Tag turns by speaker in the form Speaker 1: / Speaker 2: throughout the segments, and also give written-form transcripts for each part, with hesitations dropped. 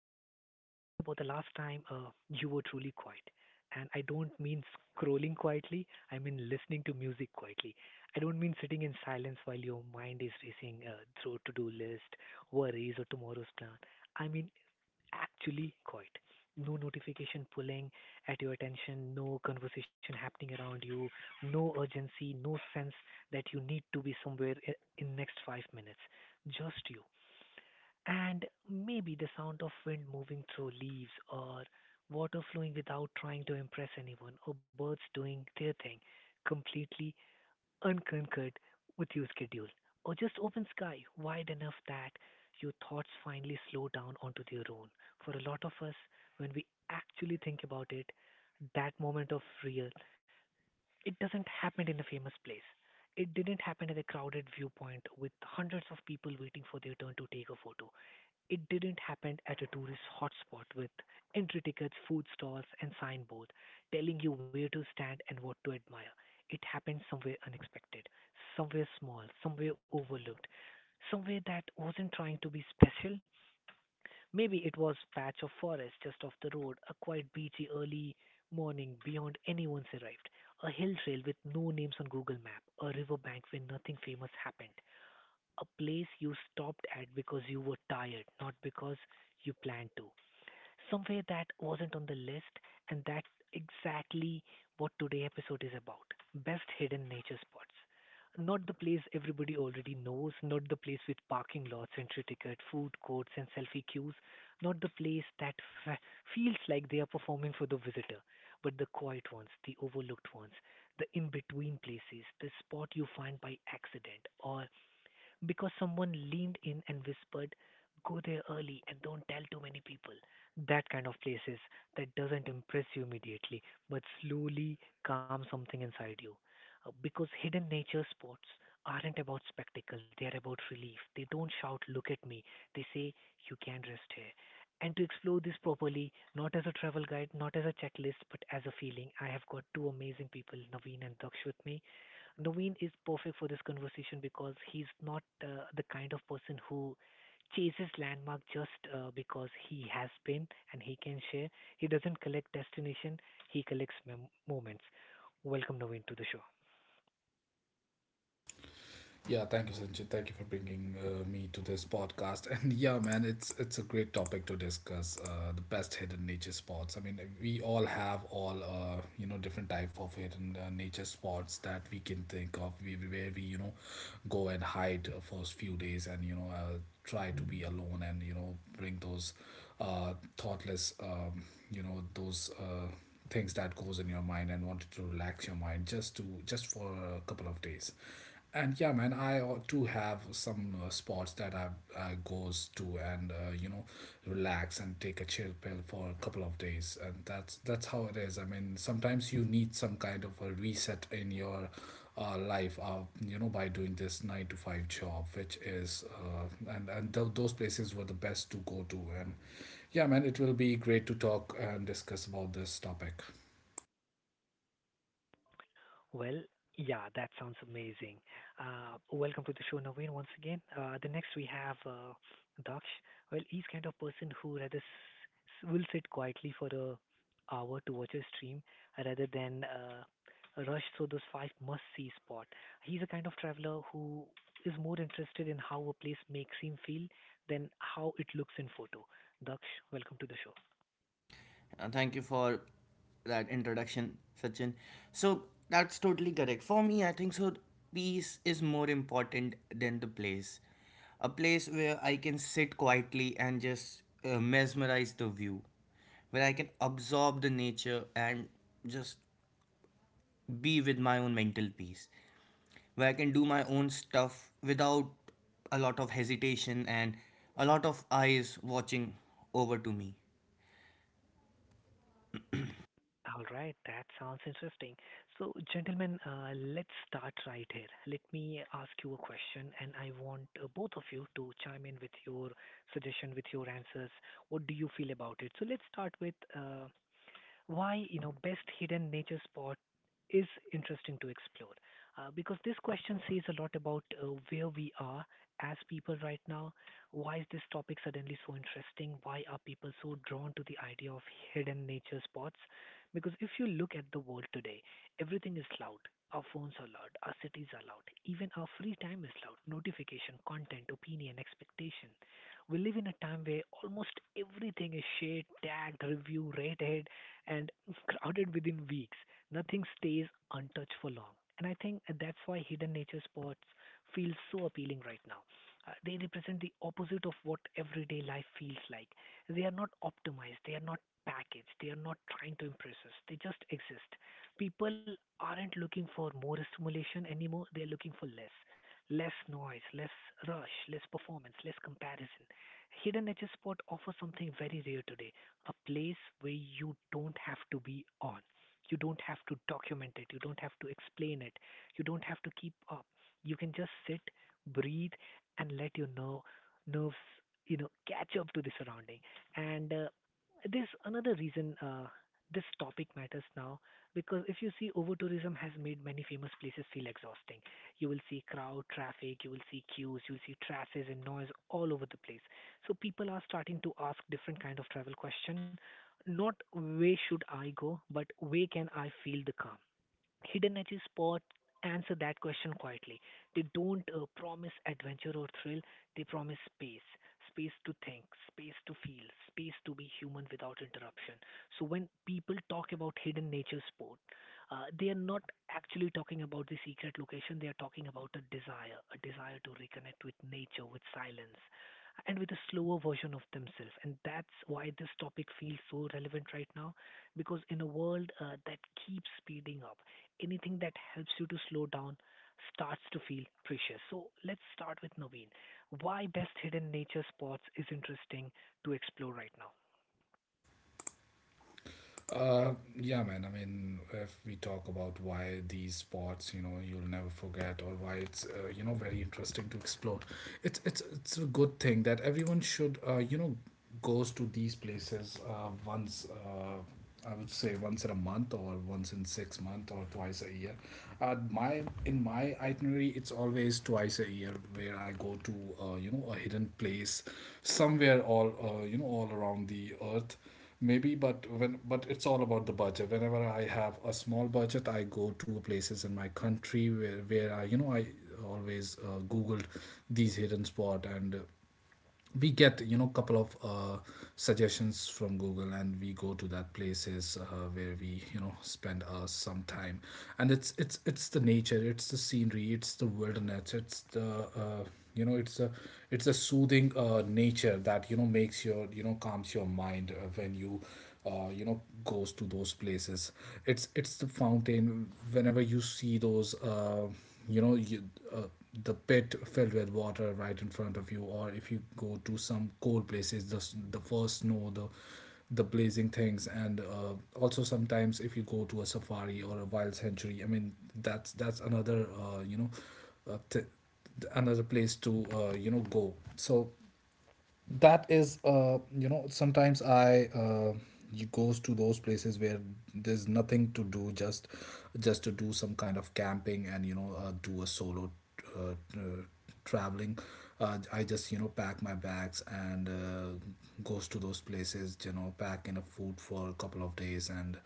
Speaker 1: I want you to think about the last time you were truly quiet. And I don't mean scrolling quietly, I mean listening to music quietly. I don't mean sitting in silence while your mind is racing through to do list, worries, or tomorrow's plan. I mean actually quiet. No notification pulling at your attention, no conversation happening around you, no urgency, no sense that you need to be somewhere in next 5 minutes. Just you. And maybe the sound of wind moving through leaves or water flowing without trying to impress anyone or birds doing their thing completely unconquered with your schedule, or just open sky wide enough that your thoughts finally slow down onto their own. For a lot of us, when we actually think about it, that moment of real it doesn't happen in a famous place. It didn't happen at a crowded viewpoint with hundreds of people waiting for their turn to take a photo. It didn't happen at a tourist hotspot with entry tickets, food stalls, and signboard telling you where to stand and what to admire. It happened somewhere unexpected, somewhere small, somewhere overlooked, somewhere that wasn't trying to be special. Maybe it was patch of forest just off the road, a quiet beachy early morning beyond anyone's arrived, a hill trail with no names on Google Map, a riverbank where nothing famous happened, a place you stopped at because you were tired, not because you planned to somewhere that wasn't on the list, and that's exactly what today's episode is about: best hidden nature spots. Not the place everybody already knows, not the place with parking lots, entry ticket, food courts, and selfie queues, not the place that f- feels like they are performing for the visitor, but the quiet ones, the overlooked ones, the in between places, the spot you find by accident or because someone leaned in and whispered, Go there early and don't tell too many people. That kind of places that doesn't impress you immediately but slowly calm something inside you. Because hidden nature spots aren't about spectacle, they are about relief. They don't shout, Look at me. They say, You can rest here. And to explore this properly, not as a travel guide, not as a checklist, but as a feeling, I have got two amazing people, Naveen and Daksh, with me. Naveen is perfect for this conversation because he's not the kind of person who chases landmark just because he has been and he can share. He doesn't collect destination, he collects moments. Welcome Naveen to the show.
Speaker 2: Yeah, thank you, Sanjay. Thank you for bringing me to this podcast. And yeah, man, it's a great topic to discuss. The best hidden nature spots. I mean, we all have all different type of hidden nature spots that we can think of. We Where we go and hide first few days, and try to be alone and bring those thoughtless those things that goes in your mind and wanted to relax your mind just for a couple of days. And yeah, man, I ought to have some spots that I goes to and relax and take a chill pill for a couple of days. And that's how it is. I mean, sometimes you need some kind of a reset in your life, by doing this nine to five job, which is. And those places were the best to go to. And yeah, man, it will be great to talk and discuss about this topic.
Speaker 1: Well, yeah, that sounds amazing. Welcome to the show, Naveen, once again. The next we have Daksh. Well, he's kind of person who rather will sit quietly for a hour to watch a stream rather than rush through those five must-see spot. He's a kind of traveler who is more interested in how a place makes him feel than how it looks in photo. Daksh, welcome to the show.
Speaker 3: And thank you for that introduction, Sachin. So that's totally correct. For me, I think so. Peace is more important than the place. A place where I can sit quietly and just mesmerize the view, where I can absorb the nature and just be with my own mental peace, where I can do my own stuff without a lot of hesitation and a lot of eyes watching over to me.
Speaker 1: All right, that sounds interesting. So, gentlemen, let's start right here. Let me ask you a question, and I want both of you to chime in with your suggestion, with your answers. What do you feel about it? So, let's start with why you know best hidden nature spot is interesting to explore because this question says a lot about where we are as people right now. Why is this topic suddenly so interesting? Why are people so drawn to the idea of hidden nature spots? Because if you look at the world today, everything is loud. Our phones are loud, our cities are loud, even our free time is loud, notification, content, opinion, expectation. We live in a time where almost everything is shared, tagged, reviewed, rated, and crowded within weeks. Nothing stays untouched for long. And I think that's why hidden nature spots feel so appealing right now. They represent the opposite of what everyday life feels like. They are not optimized, they are not packaged, they are not trying to impress us, they just exist. People aren't looking for more stimulation anymore, they are looking for less. Less noise, less rush, less performance, less comparison. Hidden nature spot offers something very rare today, a place where you don't have to be on. You don't have to document it. You don't have to explain it. You don't have to keep up. You can just sit, breathe, and let your nerves, you know, catch up to the surrounding. And there's another reason this topic matters now, because if you see over tourism has made many famous places feel exhausting. You will see crowd traffic, you will see queues, you will see trashes and noise all over the place. So people are starting to ask different kind of travel question, not where should I go, but where can I feel the calm? Hidden Energy Spot answer that question quietly. They don't promise adventure or thrill, they promise space. Space to think, space to feel, space to be human without interruption. So when people talk about hidden nature sport, they are not actually talking about the secret location, they are talking about a desire to reconnect with nature, with silence, and with a slower version of themselves. And that's why this topic feels so relevant right now, because in a world that keeps speeding up, anything that helps you to slow down starts to feel precious. So let's start with Naveen. Why best hidden nature spots is interesting to explore right now?
Speaker 2: Uh, yeah, man. I mean, if we talk about why these spots, you'll never forget, or why it's very interesting to explore, it's a good thing that everyone should, goes to these places once. I would say once in a month, or once in 6 months, or twice a year. My itinerary, it's always twice a year where I go to, a hidden place, somewhere all around the earth maybe. But it's all about the budget. Whenever I have a small budget, I go to places in my country where I you know I always googled these hidden spot, and we get couple of suggestions from google, and we go to that places where we spend some time. And it's the nature, it's the scenery, it's the wilderness, it's the uh, it's a soothing nature that makes your calms your mind when you you know goes to those places. It's the fountain whenever you see those you uh, the pit filled with water right in front of you. Or if you go to some cold places, the first snow, the blazing things. And also sometimes if you go to a safari or a wild sanctuary, I mean that's another uh, th- another place to go. So that is, sometimes I you goes to those places where there's nothing to do, just to do some kind of camping. And do a solo uh, uh, traveling. I just pack my bags and goes to those places, pack in a food for a couple of days and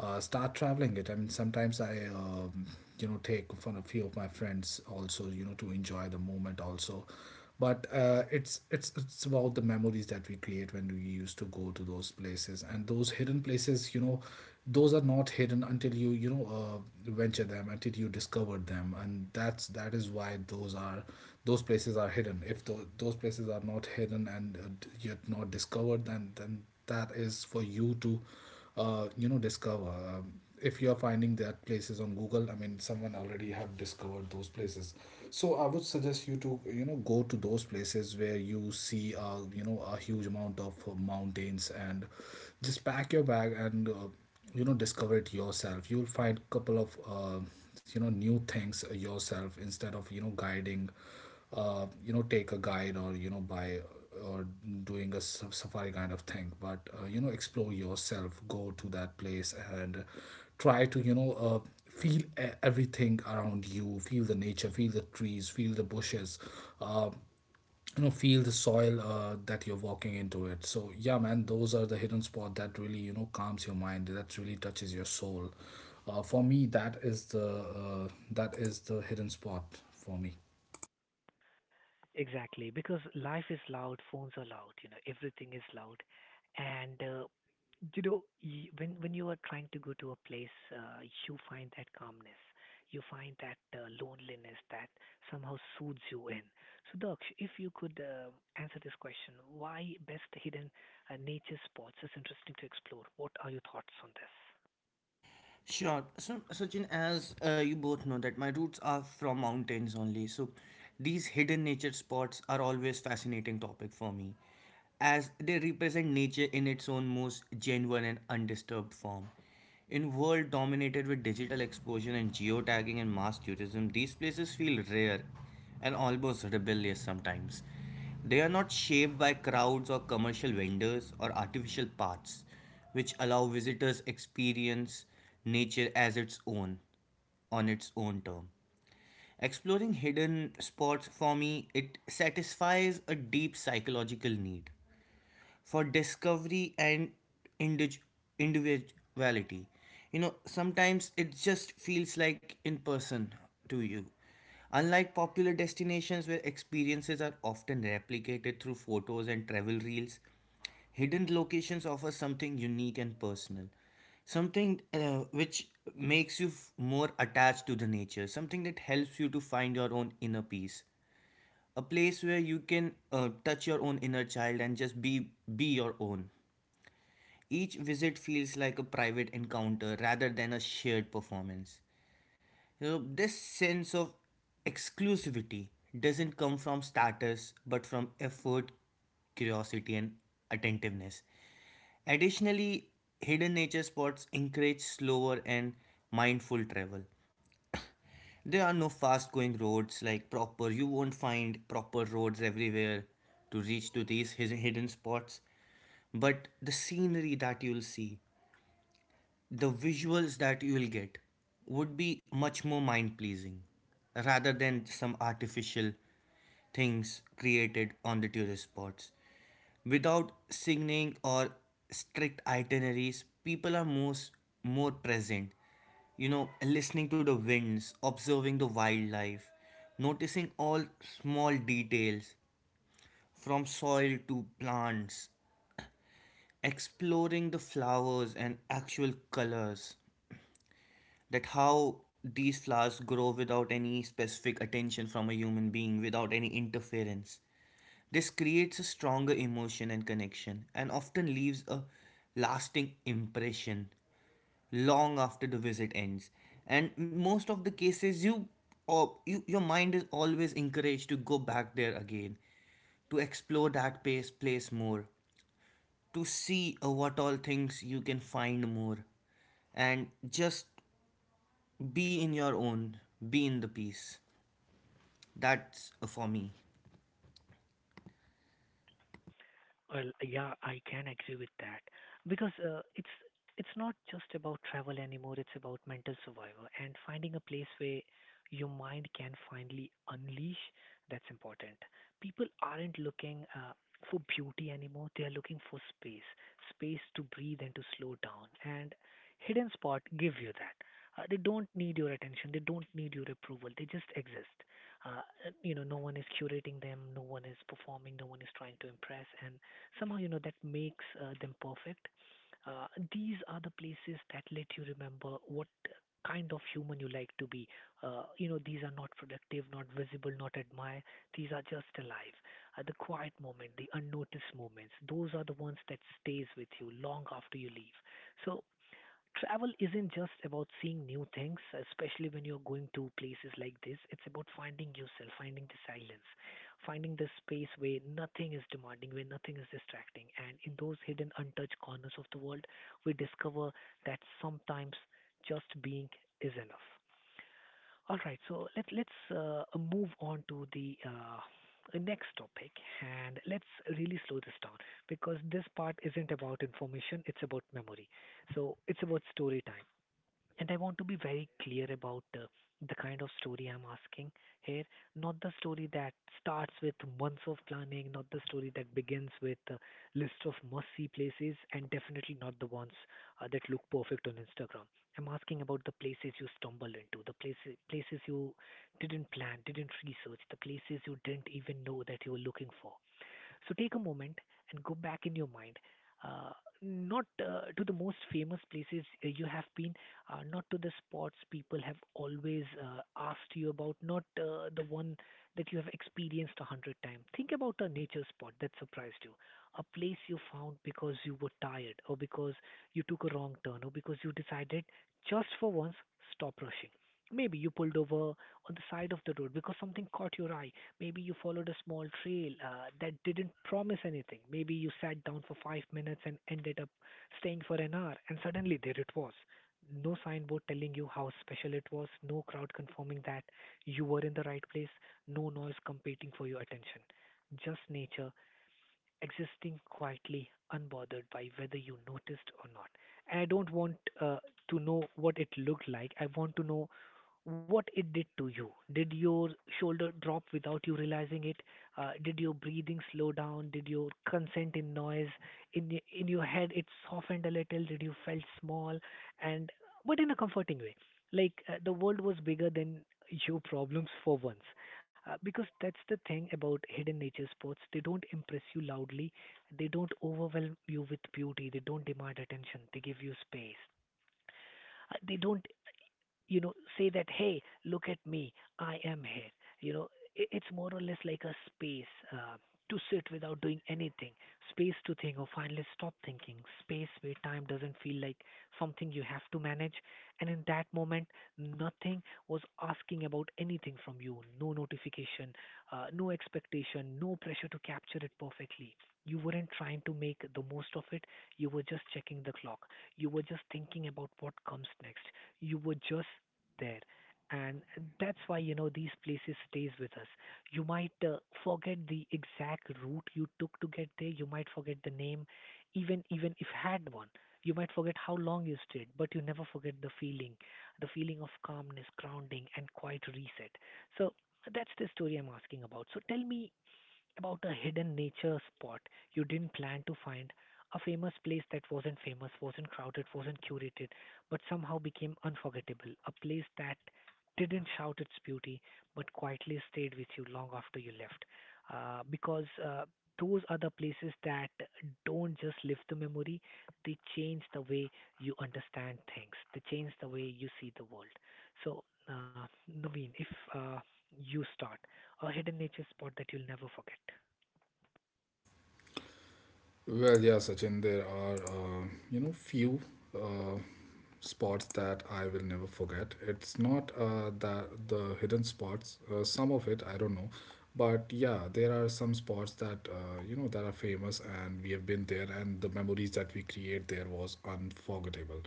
Speaker 2: start traveling it. I mean, sometimes I, take fun a few of my friends also, to enjoy the moment also. But it's about the memories that we create when we used to go to those places. And those hidden places, those are not hidden until you know venture them, until you discover them. And that is why those are those places are hidden. If those places are not hidden and yet not discovered, then that is for you to discover. If you are finding that places on google, I mean someone already have discovered those places. So I would suggest you to go to those places where you see a huge amount of mountains, and just pack your bag and discover it yourself. You'll find couple of new things yourself, instead of guiding, take a guide, or buy, or doing a safari kind of thing. But explore yourself, go to that place and try to feel everything around you. Feel the nature, feel the trees, feel the bushes, uh, feel the soil that you're walking into it. So yeah, man, those are the hidden spot that really calms your mind, that really touches your soul. For me, that is the hidden spot for me.
Speaker 1: Exactly, because life is loud, phones are loud, you know, everything is loud, and you know, when you are trying to go to a place, you find that calmness, you find that loneliness that somehow soothes you in. So, Daksh, if you could answer this question, why best hidden nature spots is interesting to explore. What are your thoughts on this?
Speaker 3: Sure. So, Sachin, as you both know, that my roots are from mountains only. So, these hidden nature spots are always fascinating topic for me, as they represent nature in its own most genuine and undisturbed form. In world dominated with digital exposure and geotagging and mass tourism, these places feel rare and almost rebellious sometimes. They are not shaped by crowds or commercial vendors or artificial paths which allow visitors experience nature as its own on its own term, exploring hidden spots. For me, it satisfies a deep psychological need for discovery and indig- individuality. You know, sometimes it just feels like in person to you. Unlike popular destinations where experiences are often replicated through photos and travel reels, hidden locations offer something unique and personal, something which makes you more attached to the nature, something that helps you to find your own inner peace, a place where you can touch your own inner child and just be your own. Each visit feels like a private encounter rather than a shared performance. You know, this sense of exclusivity doesn't come from status but from effort, curiosity and attentiveness. Additionally, hidden nature spots encourage slower and mindful travel. There are no fast going roads like proper. You won't find proper roads everywhere to reach to these hidden spots. But the scenery that you'll see, the visuals that you will get would be much more mind pleasing rather than some artificial things created on the tourist spots. Without signing or strict itineraries, people are most more present. You know, listening to the winds, observing the wildlife, noticing all small details from soil to plants, exploring the flowers and actual colors, that how these flowers grow without any specific attention from a human being, without any interference. This creates a stronger emotion and connection, and often leaves a lasting impression long after the visit ends. And most of the cases, your mind is always encouraged to go back there again to explore that place more, to see what all things you can find more. And just be in your own, be in the peace. That's for me.
Speaker 1: Well, yeah, I can agree with that because it's not just about travel anymore. It's about mental survival and finding a place where your mind can finally unleash. That's important. People aren't looking for beauty anymore. They are looking for space, space to breathe and to slow down. And hidden spot give you that. They don't need your attention. They don't need your approval. They just exist. Uh, you know, no one is curating them. No one is performing. No one is trying to impress. And somehow you know that makes them perfect. Uh, these are the places that let you remember what kind of human you like to be. You know, these are not productive, not visible, not admired. These are just alive. The quiet moment, the unnoticed moments, those are the ones that stays with you long after you leave. So travel isn't just about seeing new things, especially when you're going to places like this. It's about finding yourself, finding the silence, finding the space where nothing is demanding, where nothing is distracting. And in those hidden, untouched corners of the world, we discover that sometimes just being is enough. All right, so let's move on to the next topic and let's really slow this down because this part isn't about information, it's about memory. So it's about story time. And I want to be very clear about the kind of story I'm asking here. Not the story that starts with months of planning, not the story that begins with a list of must see places, and definitely not the ones that look perfect on Instagram. I'm asking about the places you stumbled into, places you didn't plan, didn't research, the places you didn't even know that you were looking for. So take a moment and go back in your mind, uh, not to the most famous places you have been, not to the spots people have always asked you about, not the one that you have experienced 100 times. Think about a nature spot that surprised you, a place you found because you were tired, or because you took a wrong turn, or because you decided just for once stop rushing. Maybe you pulled over on the side of the road because something caught your eye. Maybe you followed a small trail that didn't promise anything. Maybe you sat down for 5 minutes and ended up staying for an hour, and suddenly there it was. No signboard telling you how special it was, no crowd confirming that you were in the right place, no noise competing for your attention. Just nature existing quietly, unbothered by whether you noticed or not. And I don't want to know what it looked like. I want to know what it did to you. Did your shoulder drop without you realizing it? Did your breathing slow down? Did your consent in noise in your head it softened a little? Did you felt small? And but in a comforting way, like the world was bigger than your problems for once. Because that's the thing about hidden nature spots. They don't impress you loudly. They don't overwhelm you with beauty. They don't demand attention. They give you space. They don't say that, hey, look at me, I am here, you know it's more or less like a space to sit without doing anything, space to think or finally stop thinking, space where time doesn't feel like something you have to manage. And in that moment, nothing was asking about anything from you. No notification, no expectation, no pressure to capture it perfectly. You weren't trying to make the most of it, you were just checking the clock, you were just thinking about what comes next, you were just there. And that's why these places stays with us. You might forget the exact route you took to get there, you might forget the name, even if had one. You might forget how long you stayed, but you never forget the feeling, the feeling of calmness, grounding, and quiet reset. So that's the story I'm asking about. So tell me about a hidden nature spot you didn't plan to find, a famous place that wasn't famous, wasn't crowded, wasn't curated, but somehow became unforgettable. A place that didn't shout its beauty, but quietly stayed with you long after you left. Because those are the places that don't just live the memory, they change the way you understand things, they change the way you see the world. So, Naveen, if uh, you start. A hidden nature spot that you'll never forget?
Speaker 2: Well, yeah, Sachin, there are, few uh, spots that I will never forget. It's not that the hidden spots, some of it, I don't know. But yeah, there are some spots that, that are famous, and we have been there, and the memories that we create there was unforgettable.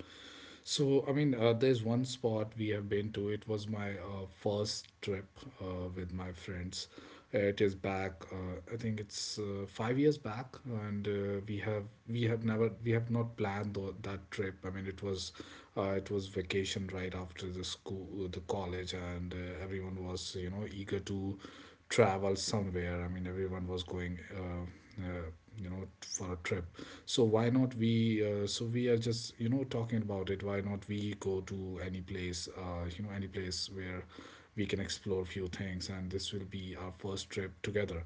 Speaker 2: So, I mean, there's one spot we have been to. It was my first trip with my friends. It is back. I think it's 5 years back. And uh, we have not planned that trip. I mean, it was vacation right after the school, the college, and everyone was eager to travel somewhere. I mean, everyone was going, uh, for a trip. So why not we so we are just talking about it, why not we go to any place any place where we can explore few things, and this will be our first trip together.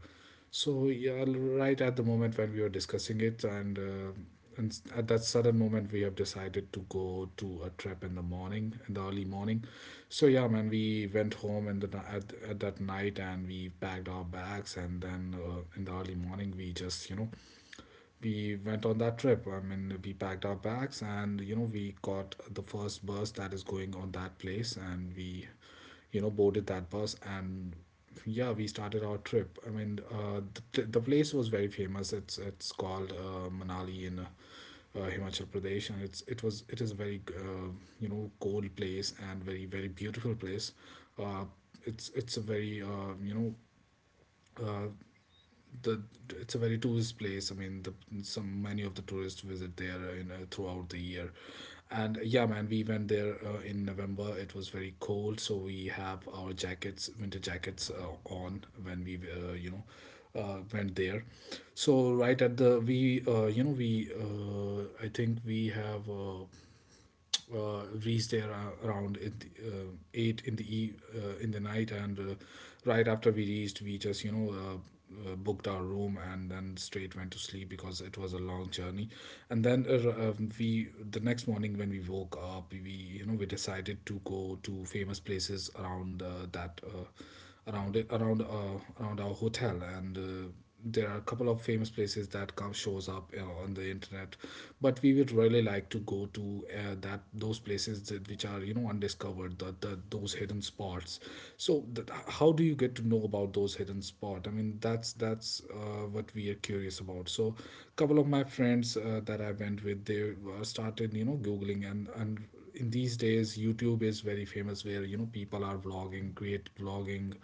Speaker 2: So yeah, right at the moment when we were discussing it, at that sudden moment we have decided to go to a trip in the morning, in the early morning. So yeah, man, we went home in at that night, and we packed our bags, and then in the early morning we just we went on that trip. I mean, we packed our bags, and, we got the first bus that is going on that place, and we, boarded that bus, and yeah, we started our trip. I mean, the place was very famous. It's called Manali in Himachal Pradesh. And it's it was it is a very cold place, and very very beautiful place. Uh, it's a very you know uh, the it's a very tourist place. I mean, the some many of the tourists visit there throughout the year. And yeah, man, we went there in November. It was very cold, so we have our jackets, winter jackets, on when we went there. So right at the we you know we I think we have. Reached there ar- around in eight in in the night. And right after we reached, we just booked our room, and then straight went to sleep because it was a long journey. And then r- we the next morning when we woke up, we we decided to go to famous places around that around it around around our hotel. And there are a couple of famous places that come shows up on the internet. But we would really like to go to that those places that, which are undiscovered, the those hidden spots. So how do you get to know about those hidden spot? I mean, that's what we are curious about. So couple of my friends that I went with, they started googling, and in these days youtube is very famous, where people are vlogging,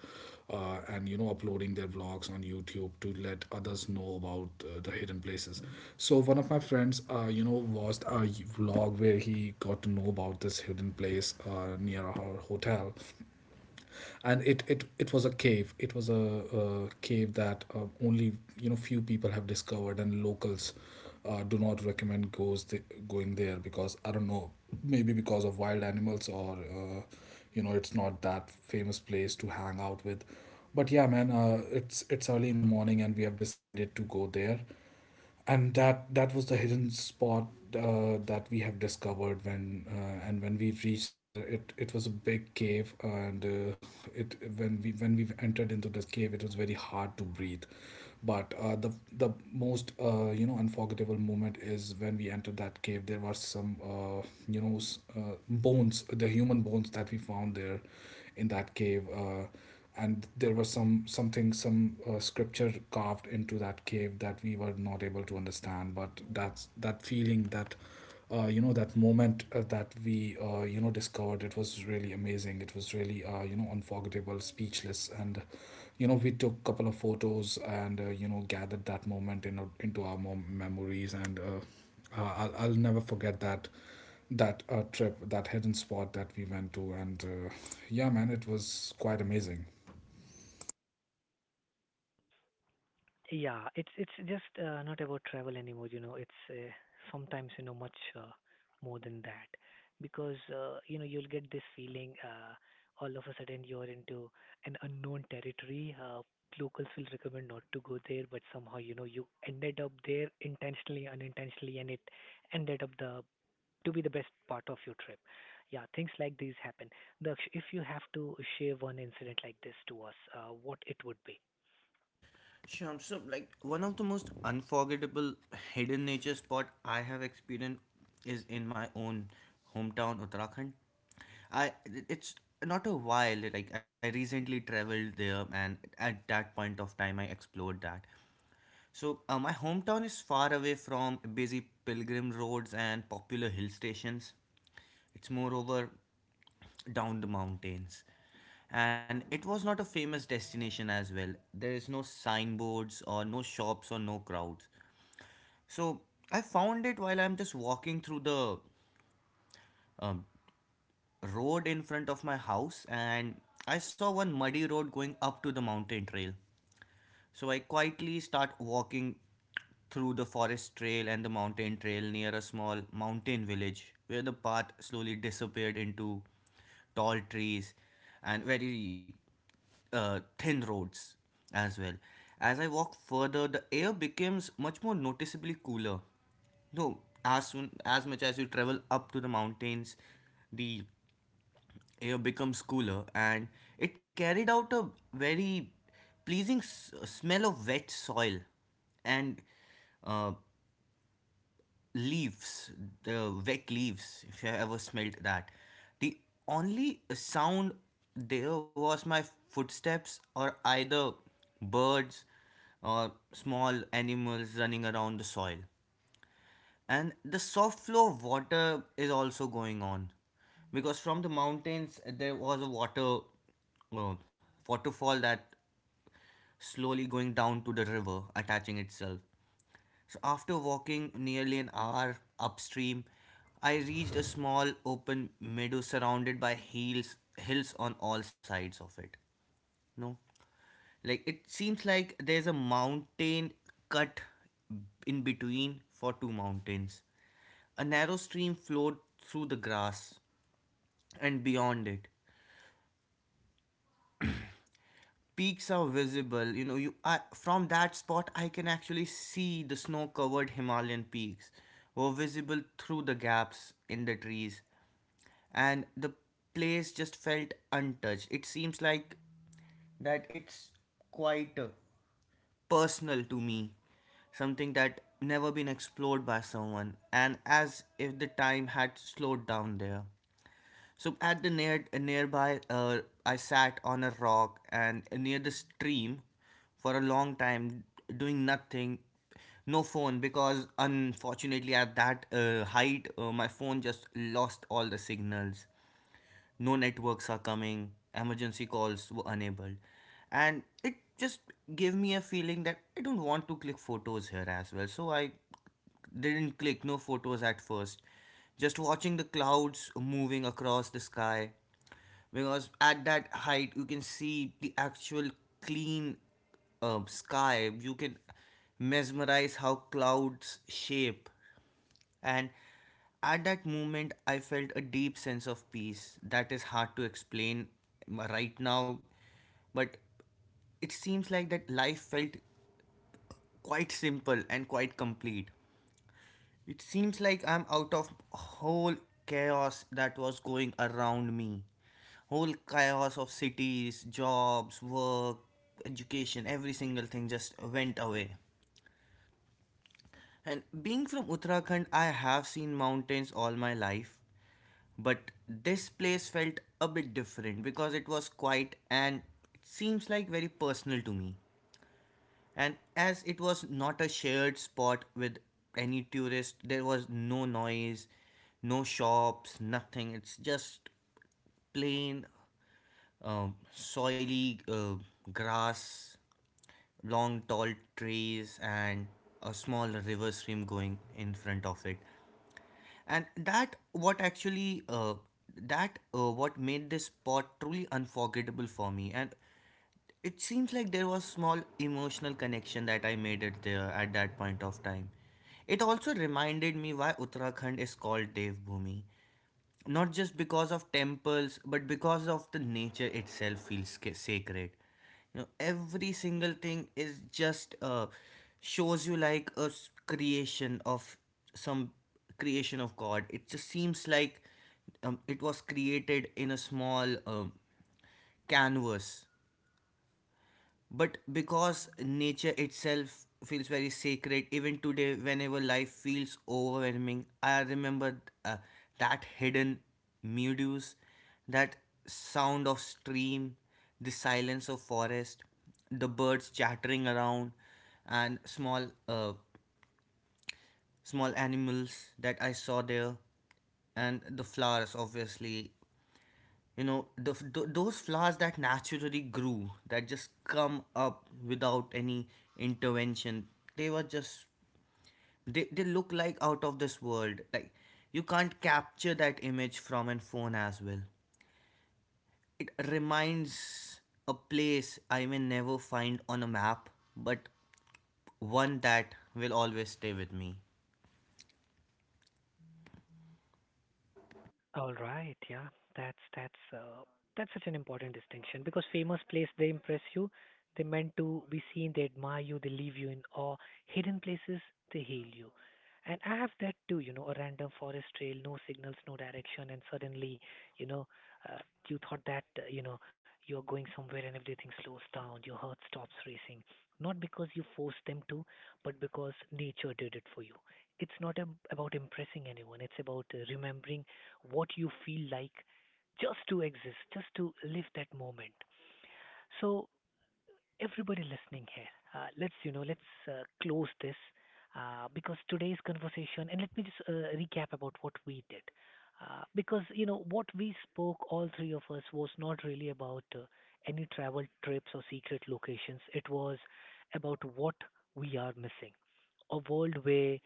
Speaker 2: and you know uploading their vlogs on youtube to let others know about the hidden places. So one of my friends, watched a vlog where he got to know about this hidden place near our hotel. And it was a cave. It was a cave that only few people have discovered, and locals do not recommend going there, because I don't know, maybe because of wild animals, or it's not that famous place to hang out with. But yeah, man, it's early in the morning and we have decided to go there. And that was the hidden spot that we have discovered. When and when we reached there, it was a big cave. And it when we entered into this cave, it was very hard to breathe. But the most unforgettable moment is when we entered that cave, there were some bones, the human bones that we found there in that cave. And there was some something some scripture carved into that cave that we were not able to understand. But that's that feeling, that that moment that we discovered, it was really amazing, it was really unforgettable, speechless. And we took couple of photos and gathered that moment into our memories. And I'll never forget that trip, that hidden spot that we went to. And yeah, man, it was quite amazing.
Speaker 1: Yeah, it's just not about travel anymore. You know, it's sometimes you know much more than that, because you know you'll get this feeling all of a sudden you're into an unknown territory. Locals will recommend not to go there, but somehow you know you ended up there intentionally, unintentionally, and it ended up the to be the best part of your trip. Yeah, things like these happen. Daksh, if you have to share one incident like this to us, what it would be?
Speaker 3: Shyam, so like one of the most unforgettable hidden nature spot I have experienced is in my own hometown Uttarakhand. I, it's not a while, like I recently traveled there and at that point of time I explored that. So my hometown is far away from busy pilgrim roads and popular hill stations. It's moreover down the mountains. And it was not a famous destination as well. There is no signboards or no shops or no crowds. So I found it while I'm just walking through the road in front of my house, and I saw one muddy road going up to the mountain trail. So I quietly start walking through the forest trail and the mountain trail near a small mountain village where the path slowly disappeared into tall trees and very thin roads as well. As I walk further, the air becomes much more noticeably cooler. No, as soon as much as you travel up to the mountains, the air becomes cooler and it carried out a very pleasing smell of wet soil and uh, leaves, the wet leaves, if you ever smelled that. The only sound there was my footsteps, or either birds or small animals running around the soil, and the soft flow of water is also going on, because from the mountains there was a uh, waterfall that slowly going down to the river attaching itself. So after walking nearly an hour upstream, I reached a small open meadow surrounded by hills on all sides of it. No, like it seems like there's a mountain cut in between for two mountains. A narrow stream flowed through the grass and beyond it. Peaks are visible. You know, from that spot I can actually see the snow-covered Himalayan peaks were visible through the gaps in the trees, and the place just felt untouched. It seems like that it's quite personal to me, something that never been explored by someone, and as if the time had slowed down there. So at the near nearby, I sat on a rock and near the stream for a long time, doing nothing, no phone, because unfortunately at that height, my phone just lost all the signals. No networks are coming, emergency calls were enabled, and it just gave me a feeling that I don't want to click photos here as well. So I didn't click no photos at first, just watching the clouds moving across the sky, because at that height you can see the actual clean sky. You can mesmerize how clouds shape. And at that moment, I felt a deep sense of peace that is hard to explain right now, but it seems like that life felt quite simple and quite complete. It seems like I'm out of whole chaos that was going around me. Whole chaos of cities, jobs, work, education, every single thing just went away. And being from Uttarakhand, I have seen mountains all my life, but this place felt a bit different because it was quiet and it seems like very personal to me. And as it was not a shared spot with any tourist, there was no noise, no shops, nothing. It's just plain, soily grass, long tall trees, and a small river stream going in front of it. And that what actually that what made this spot truly unforgettable for me. And it seems like there was small emotional connection that I made it there at that point of time. It also reminded me why Uttarakhand is called Devbhumi, not just because of temples but because of the nature itself feels sacred. You know, every single thing is just shows you like a creation of some creation of God. It just seems like it was created in a small canvas, but because nature itself feels very sacred, even today, whenever life feels overwhelming, I remember that hidden meadows, that sound of stream, the silence of forest, the birds chattering around, and small animals that I saw there, and the flowers, obviously, you know, those flowers that naturally grew, that just come up without any intervention. They were just, they look like out of this world, like you can't capture that image from a phone as well. It reminds a place I may never find on a map, but one that will always stay with me.
Speaker 1: All right, yeah, that's that's uh, that's such an important distinction, because famous place they impress you, they meant to be seen, they admire you, they leave you in awe. Hidden places they heal you, and I have that too. You know, a random forest trail, no signals, no direction, and suddenly, you know, uh, you thought that you know you're going somewhere and everything slows down, your heart stops racing, not because you forced them to, but because nature did it for you. It's not about impressing anyone. It's about remembering what you feel like just to exist, just to live that moment. So, everybody listening here, let's let's close this because today's conversation, and let me just recap about what we did. Because you know what we spoke, all three of us, was not really about any travel trips or secret locations. It was about what we are missing. A world where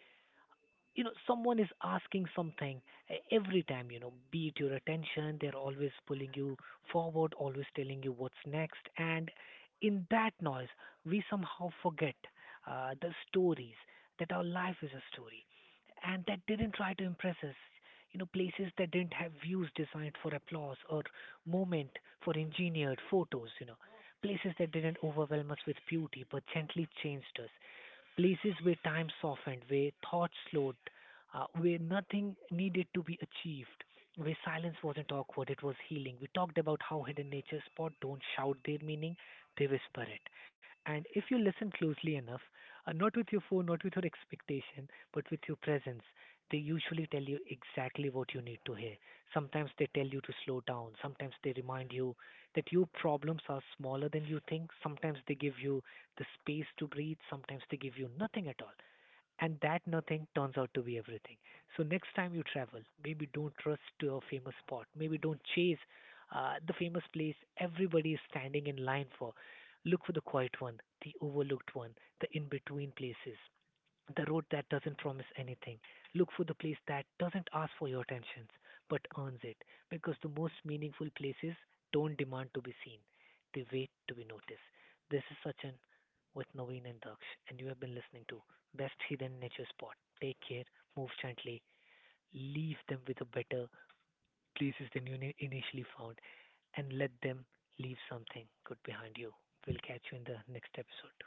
Speaker 1: you know someone is asking something every time, you know, be it your attention, they're always pulling you forward, always telling you what's next. And in that noise, we somehow forget the stories, that our life is a story. And that didn't try to impress us, you know, places that didn't have views designed for applause or moment for engineered photos, you know, places that didn't overwhelm us with beauty but gently changed us, places where time softened, where thought slowed, where nothing needed to be achieved, where silence wasn't awkward, it was healing. We talked about how hidden nature spots don't shout their meaning, they whisper it. And if you listen closely enough, not with your phone, not with your expectation, but with your presence, they usually tell you exactly what you need to hear. Sometimes they tell you to slow down, sometimes they remind you that your problems are smaller than you think, sometimes they give you the space to breathe. Sometimes they give you nothing at all. And that nothing turns out to be everything. So next time you travel, maybe don't rush to a famous spot. Maybe don't chase the famous place everybody is standing in line for. Look for the quiet one, the overlooked one, the in between places, the road that doesn't promise anything. Look for the place that doesn't ask for your attention but earns it, because the most meaningful places don't demand to be seen, they wait to be noticed. This is Sachin with Naveen and Daksh, and you have been listening to Best Hidden Nature Spot. Take care, move gently, leave them with a better places than you initially found, and let them leave something good behind you. We'll catch you in the next episode.